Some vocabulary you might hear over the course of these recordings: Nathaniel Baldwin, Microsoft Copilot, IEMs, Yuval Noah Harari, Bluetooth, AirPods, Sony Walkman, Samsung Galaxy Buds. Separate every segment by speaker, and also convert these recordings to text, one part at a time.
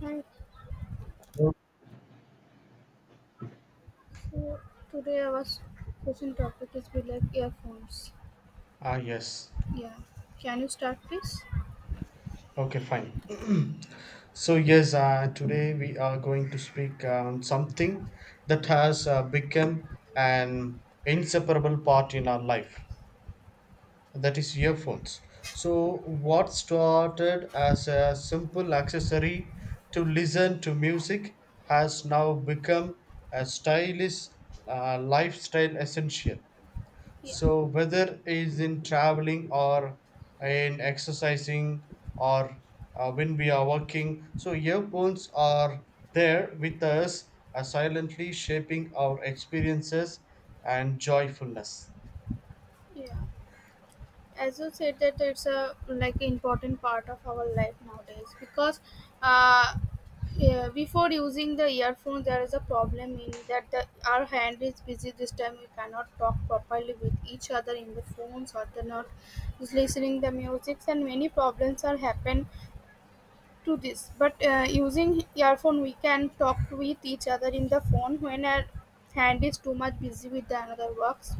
Speaker 1: Right. So today our question topic is be like earphones.
Speaker 2: Ah, yes.
Speaker 1: Yeah. Can you start, please?
Speaker 2: Okay, fine. Today we are going to speak on something that has become an inseparable part in our life, that is, earphones. So, what started as a simple accessory to listen to music has now become a stylish lifestyle essential.
Speaker 1: Yeah.
Speaker 2: So whether is in traveling or in exercising or when we are working, so earphones are there with us, silently shaping our experiences and joyfulness.
Speaker 1: Yeah. As you said that it's a like important part of our life nowadays because uh, yeah, before using the earphones there is a problem in that our hand is busy. This time we cannot talk properly with each other in the phones or the not is listening the music and many problems are happen to this. But using earphone we can talk with each other in the phone when our hand is too much busy with the another works,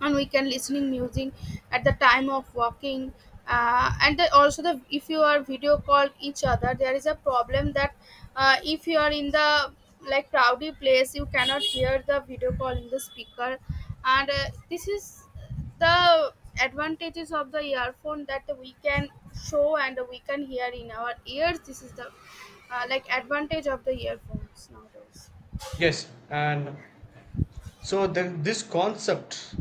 Speaker 1: and we can listening music at the time of walking, and also the if you are video call each other, there is a problem that if you are in the like crowded place you cannot hear the video call in the speaker. And this is the advantages of the earphone that we can show and we can hear in our ears. This is the like advantage of the earphones nowadays.
Speaker 2: Yes, and so then this concept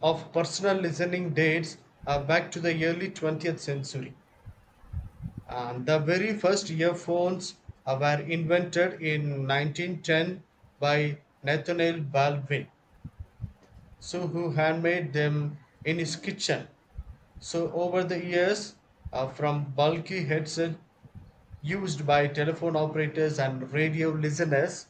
Speaker 2: of personal listening dates back to the early 20th century. And the very first earphones were invented in 1910 by Nathaniel Baldwin, so who handmade them in his kitchen. So over the years, from bulky headset used by telephone operators and radio listeners,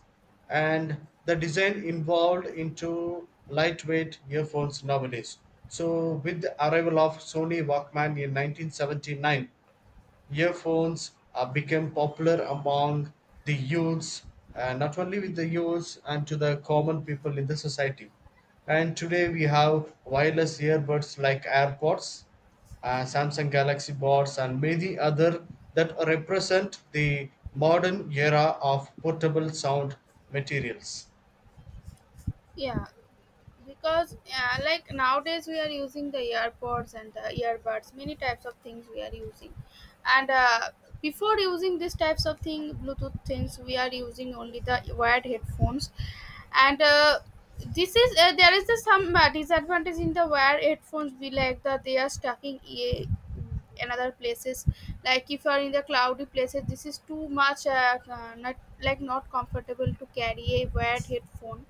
Speaker 2: and the design involved into lightweight earphones nowadays. So with the arrival of Sony Walkman in 1979, earphones became popular among the youths, not only with the youths and to the common people in the society. And today we have wireless earbuds like AirPods, Samsung Galaxy Buds, and many other that represent the modern era of portable sound materials.
Speaker 1: Yeah, because like nowadays we are using the earpods and the earbuds, many types of things we are using, and before using these types of thing, Bluetooth things, we are using only the wired headphones, and this is there is the some disadvantage in the wired headphones. We like that they are stuck in ear in other places. Like if you are in the cloudy places this is too much not like not comfortable to carry a wired headphone.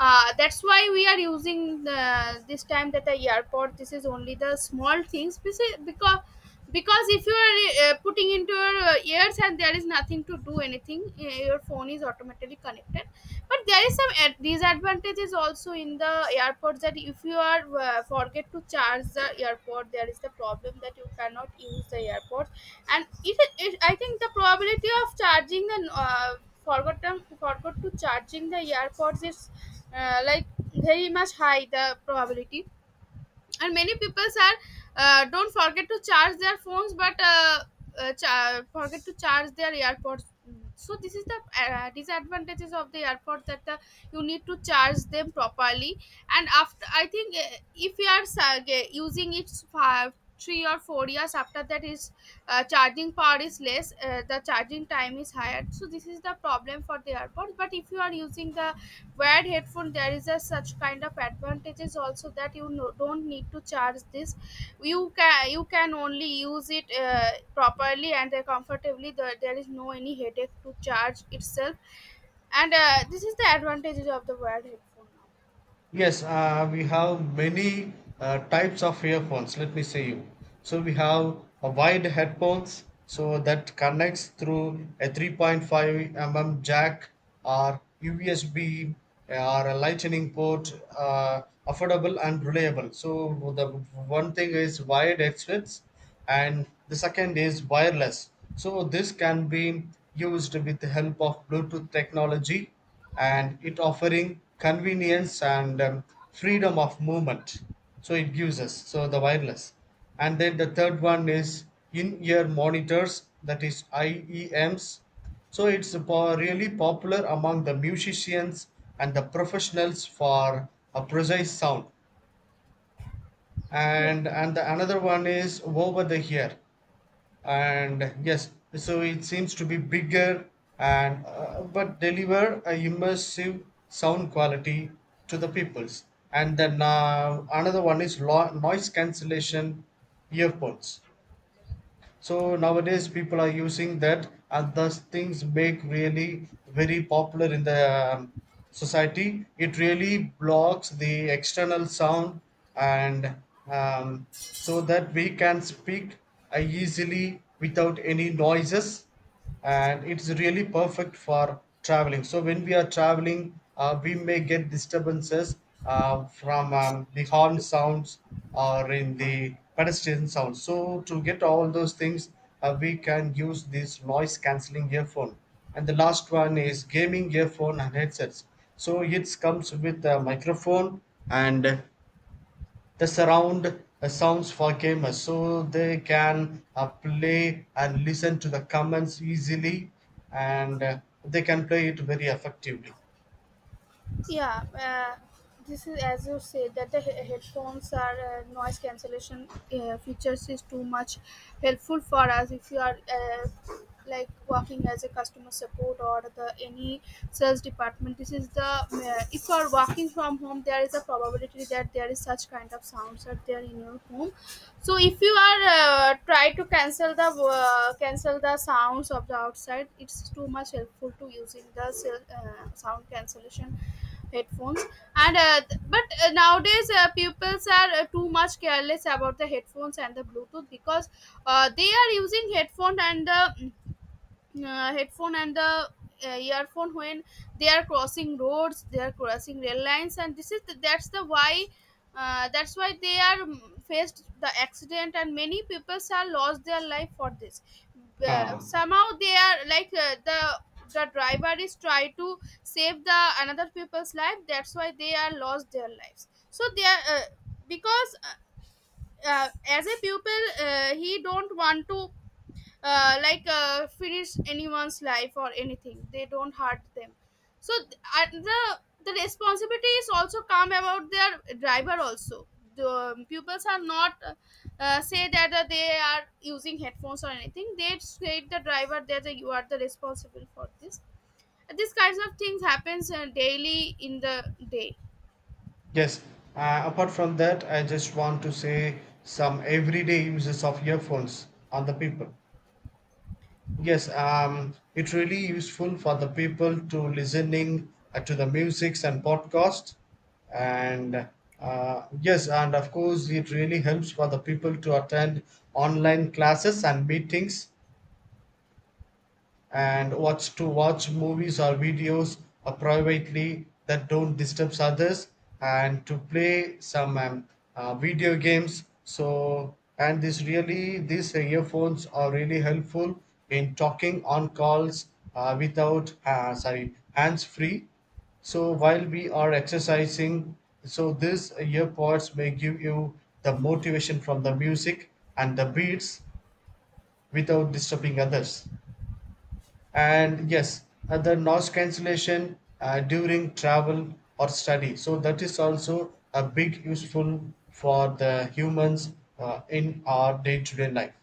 Speaker 1: That's why we are using the, this time that the airport. This is only the small things because if you are putting into your ears and there is nothing to do anything. Your phone is automatically connected. But there is some disadvantages also in the airpods that if you are forget to charge the airpod there is the problem that you cannot use the airpods. And it I think the probability of charging the forgot to charging the airpods is like very much high, the probability. And many people are don't forget to charge their phones, but forget to charge their airpods. So this is the disadvantages of the airport that you need to charge them properly. And after I think if you are using it five 3 or 4 years, after that is charging power is less. The charging time is higher. So this is the problem for the airport. But if you are using the wired headphone there is a such kind of advantages also that you don't need to charge this. You can only use it properly and comfortably. There is no any headache to charge itself. And this is the advantages of the wired headphone
Speaker 2: Yes, we have many types of earphones. Let me say you. So we have a wide headphones, so that connects through a 3.5 mm jack or USB or a lightning port, affordable and reliable. So the one thing is wired headsets, and the second is wireless. So this can be used with the help of Bluetooth technology and it offering convenience and freedom of movement, so it gives us so the wireless. And then the third one is in-ear monitors, that is I E Ms, so really popular among the musicians and the professionals for a precise sound.
Speaker 1: now.
Speaker 2: And the another one is over the ear, and yes, so it seems to be bigger and but deliver a immersive sound quality to the peoples. And then another one is noise cancellation earphones, so nowadays people are using that, and thus things make really very popular in the society. It really blocks the external sound, and um, so that we can speak easily without any noises. And it's really perfect for traveling, so when we are traveling we may get disturbances from the horn sounds or in the pedestrian sounds, so to get all those things we can use this noise cancelling earphone. And the last one is gaming earphone and headsets, so it comes with a microphone and the surround sounds for gamers, so they can play and listen to the commands easily, and they can play it very effectively.
Speaker 1: Yeah, this is as you said that the headphones are noise cancellation features is too much helpful for us if you are like working as a customer support or the any sales department. This is the if you are working from home, there is a probability that there is such kind of sounds are there in your home. So if you are try to cancel the sounds of the outside. It's too much helpful to using the sound cancellation headphones. And but nowadays pupils are too much careless about the headphones and the Bluetooth because they are using headphone and the earphone when they are crossing roads, they are crossing rail lines. And this is the, that's the why that's why they are faced the accident. And many people have lost their life for this. uh,
Speaker 2: Ah,
Speaker 1: somehow they are like the driver is try to save the another people's life. That's why they are lost their lives. So they are because as a pupil he don't want to like finish anyone's life or anything. They don't hurt them. So the responsibility is also come about their driver also. The pupils are not say that they are using headphones or anything. They say the driver that you are the responsible for this. These kinds of things happens daily in the day.
Speaker 2: yes. Apart from that, I just want to say some everyday uses of earphones on the people. Yes, it's really useful for the people to listening to the musics and podcast, and yes, and of course it really helps for the people to attend online classes and meetings, and what's to watch movies or videos or privately that don't disturb others, and to play some video games. So and this really these earphones are really helpful in talking on calls without sorry, hands free. So while we are exercising, so this earpods may give you the motivation from the music and the beats without disturbing others. And yes, the noise cancellation during travel or study, so that is also a big useful for the humans in our day-to-day life.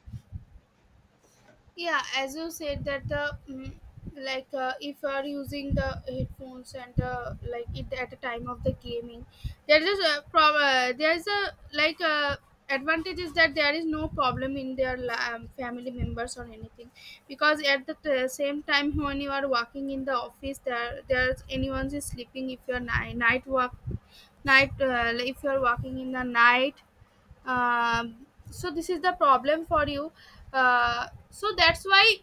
Speaker 1: Yeah, as you said that the like if you are using the headphones and like it at the time of the gaming there is a problem. There is a like advantage is that there is no problem in their family members or anything because at the same time when you are working in the office there's anyone is sleeping. If you're night work night if you're working in the night. So this is the problem for you. So that's why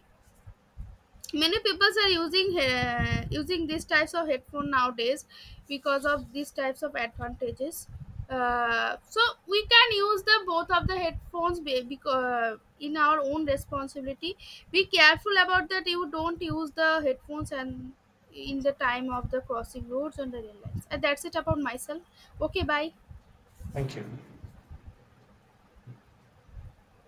Speaker 1: many people are using these types of headphone nowadays because of these types of advantages. So we can use the both of the headphones because in our own responsibility. Be careful about that. You don't use the headphones and in the time of the crossing roads and the rail lines. And that's it about myself. Okay, bye.
Speaker 2: Thank you.